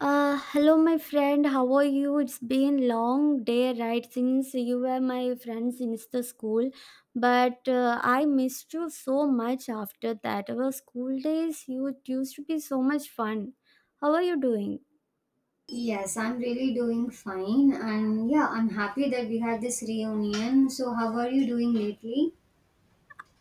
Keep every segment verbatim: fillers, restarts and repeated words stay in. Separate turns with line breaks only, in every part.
Uh, hello, my friend. How are you? It's been long day, right? Since you were my friend since the school, but uh, I missed you so much after that. Our school days, you it used to be so much fun. How are you doing?
Yes, I'm really doing fine. And yeah, I'm happy that we had this reunion. So, how are you doing lately?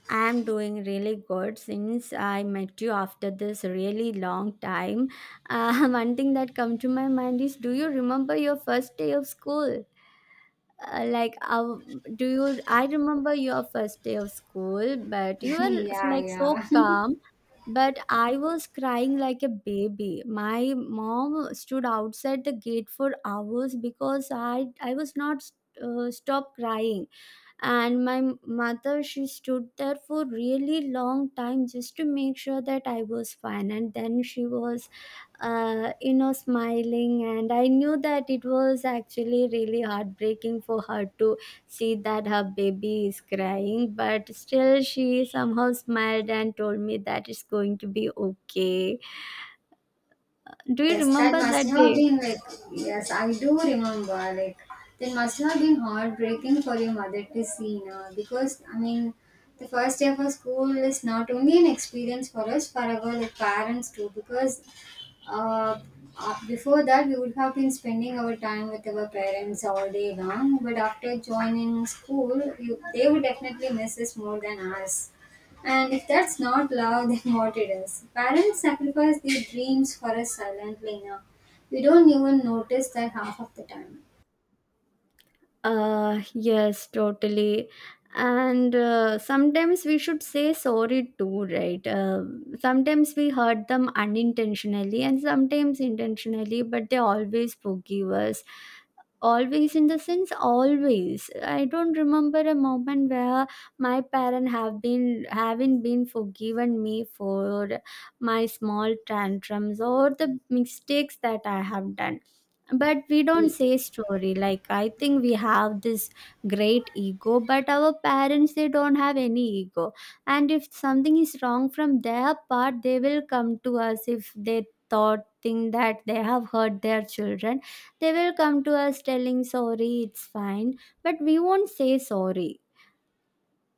I'm doing really good since I met you after this really long time. Uh, one thing that come to my mind is, do you remember your first day of school? Uh, like how do you I remember your first day of school, but you were
yeah,
like so
yeah.
calm. But I was crying like a baby. My mom stood outside the gate for hours because i i was not uh, stop crying. And my m- mother, she stood there for really long time just to make sure that I was fine. And then she was uh, you know smiling, and I knew that it was actually really heartbreaking for her to see that her baby is crying, but still she somehow smiled and told me that it's going to be okay. Do you
Yes, that
remember
must
that
have
day?
been like, yes, I do remember. Like, That must have been heartbreaking for your mother to see now. Because, I mean, the first day of our school is not only an experience for us, for our like, parents too. Because uh, uh, before that we would have been spending our time with our parents all day long, but after joining school you, they would definitely miss us more than us. And if that's not love then what it is, parents sacrifice their dreams for us silently. Now we don't even notice that half of the time.
Uh, yes, totally. And uh, sometimes we should say sorry too, right? Uh, sometimes we hurt them unintentionally and sometimes intentionally, but they always forgive us. Always, in the sense, always. I don't remember a moment where my parent have been haven't been forgiven me for my small tantrums or the mistakes that I have done. But we don't say story, like, I think we have this great ego, but our parents, they don't have any ego. And if something is wrong from their part, they will come to us. If they thought think that they have hurt their children, they will come to us telling sorry it's fine. But we won't say sorry,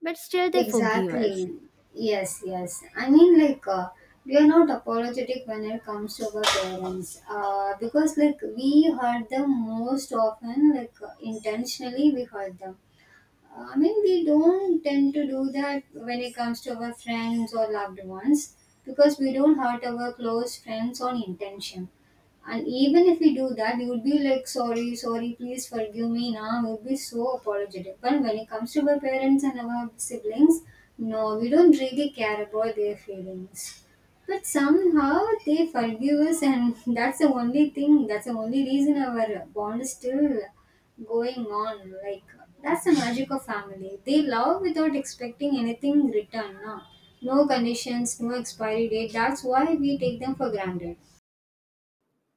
but still they forgive us.
Exactly. Yes, yes. I mean, like, uh, we are not apologetic when it comes to our parents, uh, because like we hurt them most often, like uh, intentionally we hurt them. Uh, I mean, we don't tend to do that when it comes to our friends or loved ones, because we don't hurt our close friends on intention. And even if we do that, we would be like, sorry, sorry, please forgive me now. We would be so apologetic. But when it comes to our parents and our siblings, no, we don't really care about their feelings. But somehow they forgive us, and that's the only thing, that's the only reason our bond is still going on. Like, that's the magic of family. They love without expecting anything return. No, no conditions, no expiry date. That's why we take them for granted.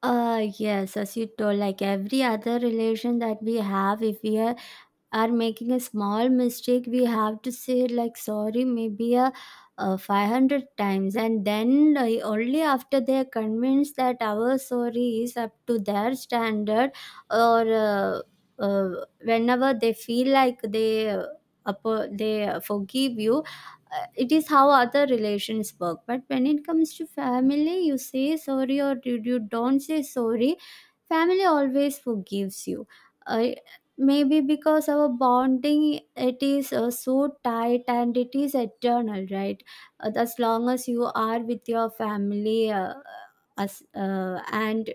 uh Yes, as you told, like every other relation that we have, if we are are making a small mistake, we have to say, like, sorry, maybe a, uh five hundred times. And then uh, only after they are convinced that our sorry is up to their standard, or uh, uh, whenever they feel like they, uh, apo- they uh, forgive you. Uh, it is how other relations work. But when it comes to family, you say sorry or you, you don't say sorry, family always forgives you. uh, Maybe because our bonding, it is uh, so tight and it is eternal, right? Uh, as long as you are with your family, uh, as uh, and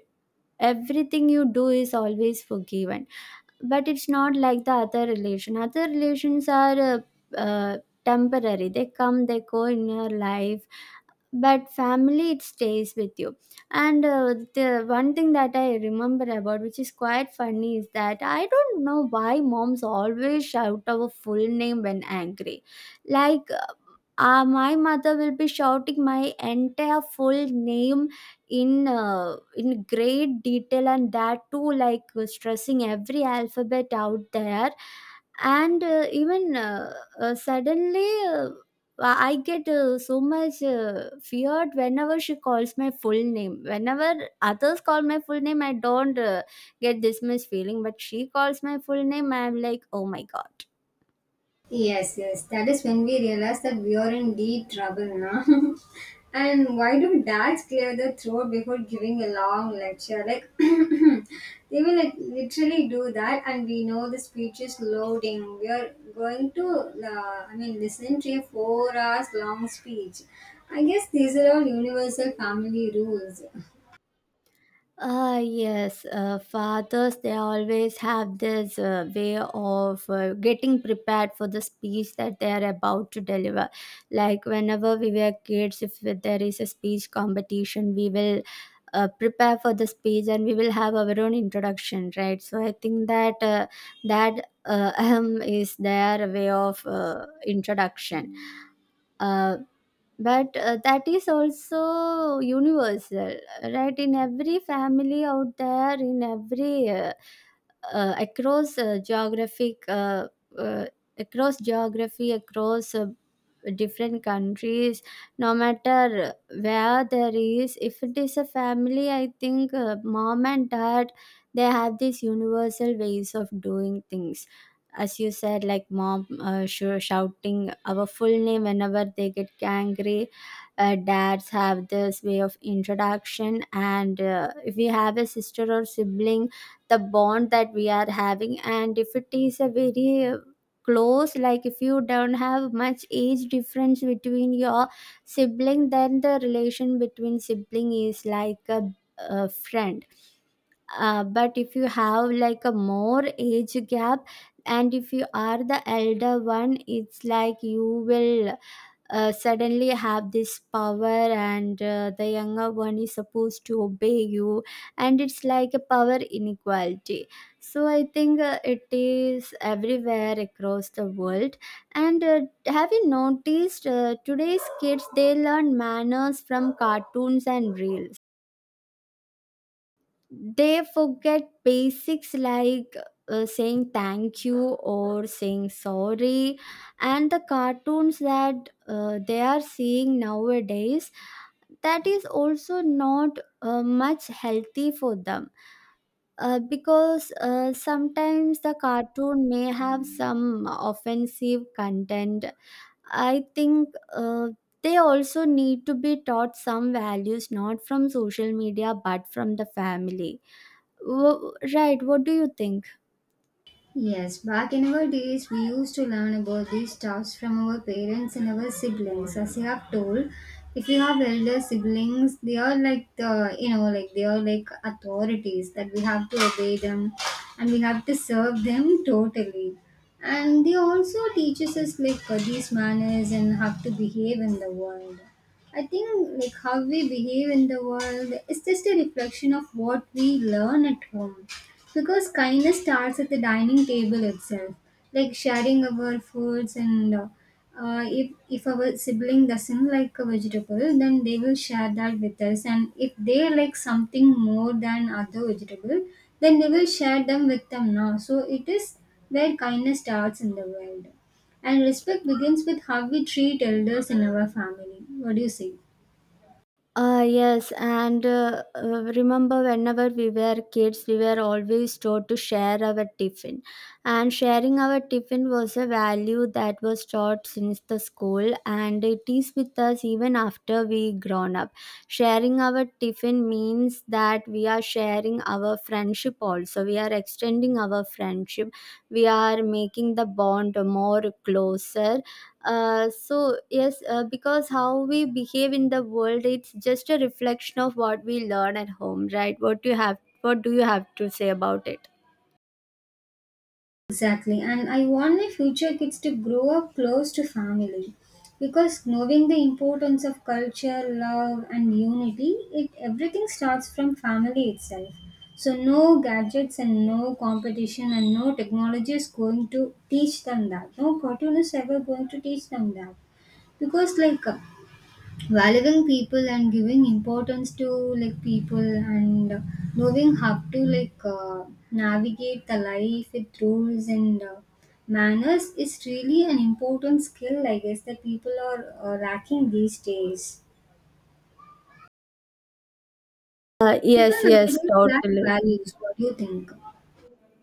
everything you do is always forgiven. But it's not like the other relation. Other relations are uh, uh, temporary. They come, they go in your life, but family, it stays with you. And uh, the one thing that I remember about, which is quite funny, is that I don't know why moms always shout our full name when angry. Like, uh, my mother will be shouting my entire full name in uh, in great detail, and that too, like, uh, stressing every alphabet out there. And uh, even uh, uh, suddenly uh, I get uh, so much uh, feared whenever she calls my full name. Whenever others call my full name, I don't uh, get this much feeling, but she calls my full name, I'm like, oh my god.
Yes, yes. That is when we realize that we are in deep trouble now. And why do dads clear the throat before giving a long lecture? Like, they will lit- literally do that, and we know the speech is loading. We are going to, uh, I mean, listen to a four hours long speech. I guess these are all universal family rules.
Ah, yes. Uh, fathers, they always have this uh, way of uh, getting prepared for the speech that they are about to deliver. Like, whenever we were kids, if there is a speech competition, we will uh, prepare for the speech and we will have our own introduction, right? So, I think that uh, that uh, ahem is their way of uh, introduction. Uh, but uh, That is also universal, right, in every family out there, in every uh, uh, across uh, geographic uh, uh, across geography, across uh, different countries, no matter where there is, if it is a family. I think uh, mom and dad, they have these universal ways of doing things. As you said, like mom uh, sure shouting our full name whenever they get angry, uh, dads have this way of introduction. And uh, if we have a sister or sibling, the bond that we are having, and if it is a very uh, close, like if you don't have much age difference between your sibling, then the relation between sibling is like a, a friend. Uh, but if you have, like, a more age gap, and if you are the elder one, it's like you will uh, suddenly have this power, and uh, the younger one is supposed to obey you. And it's like a power inequality. So I think uh, it is everywhere across the world. And uh, have you noticed, uh, today's kids, they learn manners from cartoons and reels, they forget basics like uh, saying thank you or saying sorry. And the cartoons that uh, they are seeing nowadays, that is also not uh, much healthy for them. Uh, because uh, sometimes the cartoon may have some offensive content, I think. uh, they also need to be taught some values, not from social media, but from the family. Wo- right, what do you think?
Yes, back in our days, we used to learn about these stuffs from our parents and our siblings. As you have told, if you have elder siblings, they are like the, you know, like they are like authorities that we have to obey them, and we have to serve them totally. And they also teaches us like uh, these manners and how to behave in the world. I think like how we behave in the world is just a reflection of what we learn at home, because kindness starts at the dining table itself, like sharing our foods and uh, uh, if, if our sibling doesn't like a vegetable, then they will share that with us. And if they like something more than other vegetable, then they will share them with them now. So it is where kindness starts in the world. And respect begins with how we treat elders in our family. What do you say?
Uh, yes, and uh, uh, remember whenever we were kids, we were always taught to share our tiffin. And sharing our tiffin was a value that was taught since the school, and it is with us even after we grown up. Sharing our tiffin means that we are sharing our friendship also. We are extending our friendship. We are making the bond more closer. Uh, so yes, uh, because how we behave in the world, it's just a reflection of what we learn at home, right? What do you have? What do you have to say about it?
Exactly. And I want my future kids to grow up close to family, because knowing the importance of culture, love, and unity, it everything starts from family itself. So no gadgets and no competition and no technology is going to teach them that. No cartoon is ever going to teach them that, because like uh, valuing people and giving importance to like people and uh, knowing how to like uh, navigate the life with rules and uh, manners is really an important skill, I guess, that people are uh, lacking these days.
Uh,
People
yes, yes,
nowadays lack
totally.
values. What do you think?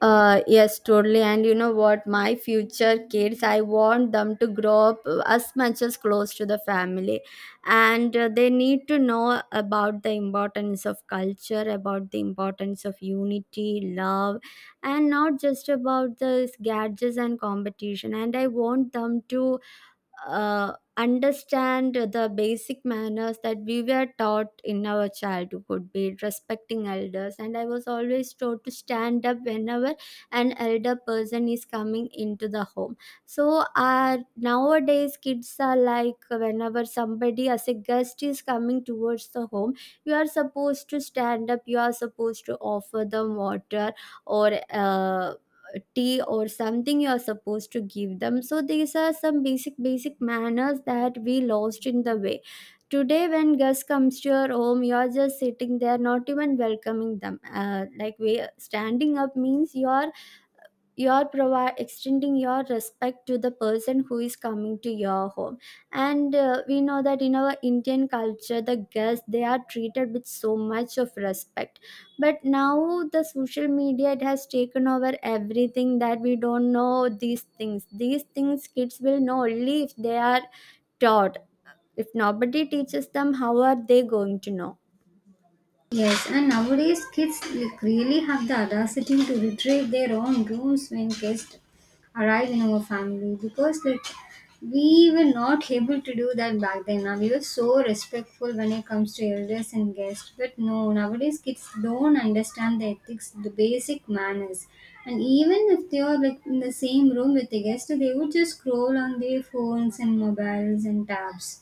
Uh, yes, totally. And you know what? My future kids, I want them to grow up uh, as much as close to the family. And uh, they need to know about the importance of culture, about the importance of unity, love, and not just about the gadgets and competition. And I want them to uh, understand the basic manners that we were taught in our childhood, be it respecting elders. And I was always taught to stand up whenever an elder person is coming into the home. So uh, nowadays, kids are like, whenever somebody as a guest is coming towards the home, you are supposed to stand up, you are supposed to offer them water, or uh, tea or something you are supposed to give them. So these are some basic basic manners that we lost in the way. Today, when guest comes to your home, you are just sitting there, not even welcoming them. Uh, like, we standing up means you are you're provide extending your respect to the person who is coming to your home. And uh, we know that in our Indian culture, the guests, they are treated with so much of respect. But now the social media, it has taken over everything, that we don't know these things. These things kids will know only if they are taught. If nobody teaches them, how are they going to know?
Yes, and nowadays kids like really have the audacity to retrieve their own rooms when guests arrive in our family, because like we were not able to do that back then. Now we were so respectful when it comes to elders and guests, but no, nowadays kids don't understand the ethics, the basic manners, and even if they are like in the same room with the guest, they would just scroll on their phones and mobiles and tabs.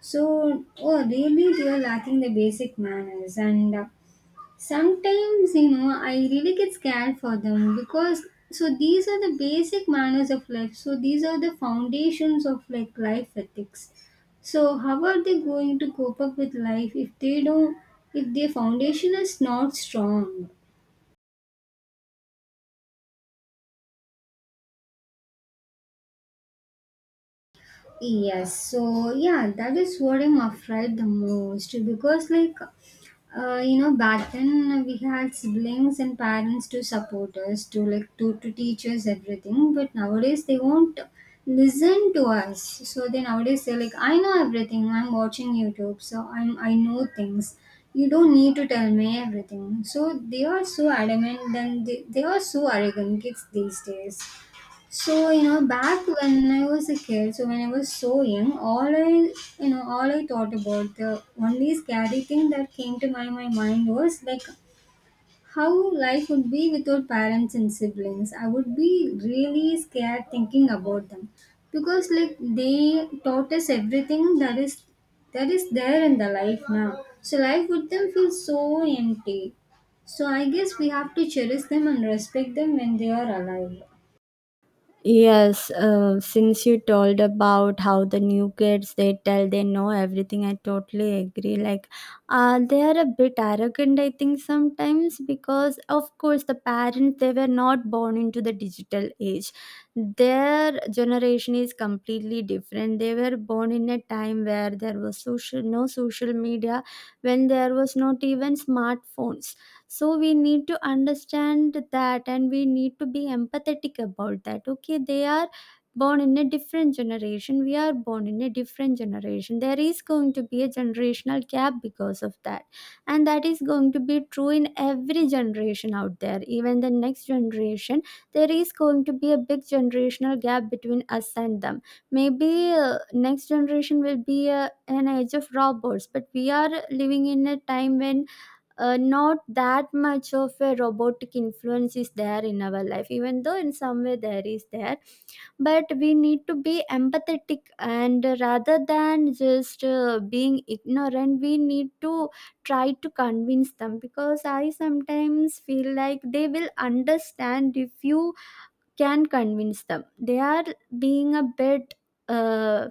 So, oh, really, they are lacking the basic manners, and uh, sometimes you know I really get scared for them because so these are the basic manners of life. So these are the foundations of like life ethics. So how are they going to cope up with life if they don't if their foundation is not strong? Yes, so yeah, that is what I'm afraid the most because, like, uh, you know, back then we had siblings and parents to support us, to like to to teach us everything. But nowadays they won't listen to us. So they nowadays they're like, I know everything. I'm watching YouTube, so I'm I know things. You don't need to tell me everything. So they are so adamant, and they, they are so arrogant kids these days. So, you know, back when I was a kid, so when I was so young, all I, you know, all I thought about, the only scary thing that came to my, my mind was like how life would be without parents and siblings. I would be really scared thinking about them because like they taught us everything that is that is there in the life now. So life with them feels so empty. So I guess we have to cherish them and respect them when they are alive.
Yes, uh, since you told about how the new kids, they tell they know everything, I totally agree. Like, uh, they are a bit arrogant, I think, sometimes, because, of course, the parents, they were not born into the digital age. Their generation is completely different. They were born in a time where there was social no social media, when there was not even smartphones. So we need to understand that, and we need to be empathetic about that. Okay, they are born in a different generation, we are born in a different generation, there is going to be a generational gap because of that. And that is going to be true in every generation out there. Even the next generation, there is going to be a big generational gap between us and them. Maybe uh, next generation will be uh, an age of robots, but we are living in a time when uh, not that much of a robotic influence is there in our life, even though in some way there is there. But we need to be empathetic, and uh, rather than just uh, being ignorant, we need to try to convince them. Because I sometimes feel like they will understand if you can convince them. They are being a bit uh,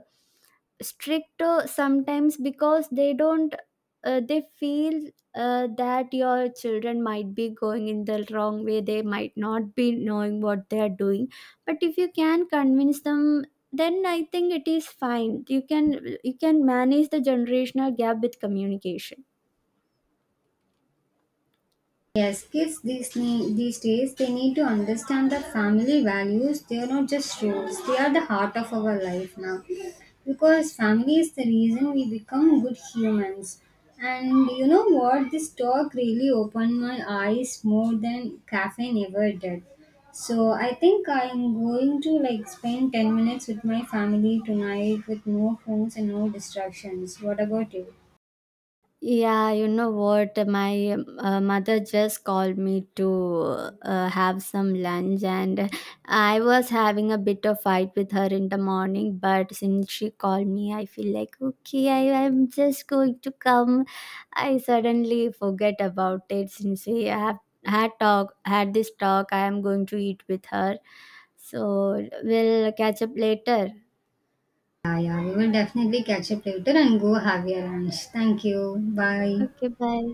strict uh, sometimes, because they don't uh, they feel uh, that your children might be going in the wrong way, they might not be knowing what they are doing. But if you can convince them, then I think it is fine. You can you can manage the generational gap with communication.
Yes, kids these, ne- these days they need to understand that family values they are not just rules, they are the heart of our life now. Because family is the reason we become good humans. And you know what? This talk really opened my eyes more than caffeine ever did. So I think I'm going to like spend ten minutes with my family tonight with no phones and no distractions. What about you?
Yeah, you know what? My um, uh, mother just called me to uh, have some lunch, and I was having a bit of fight with her in the morning. But since she called me, I feel like, okay, I am just going to come. I suddenly forget about it since we have had talk had this talk. I am going to eat with her, so we'll catch up later.
Yeah, yeah, we will definitely catch up later and go have your lunch. Thank you. Bye.
Okay, bye.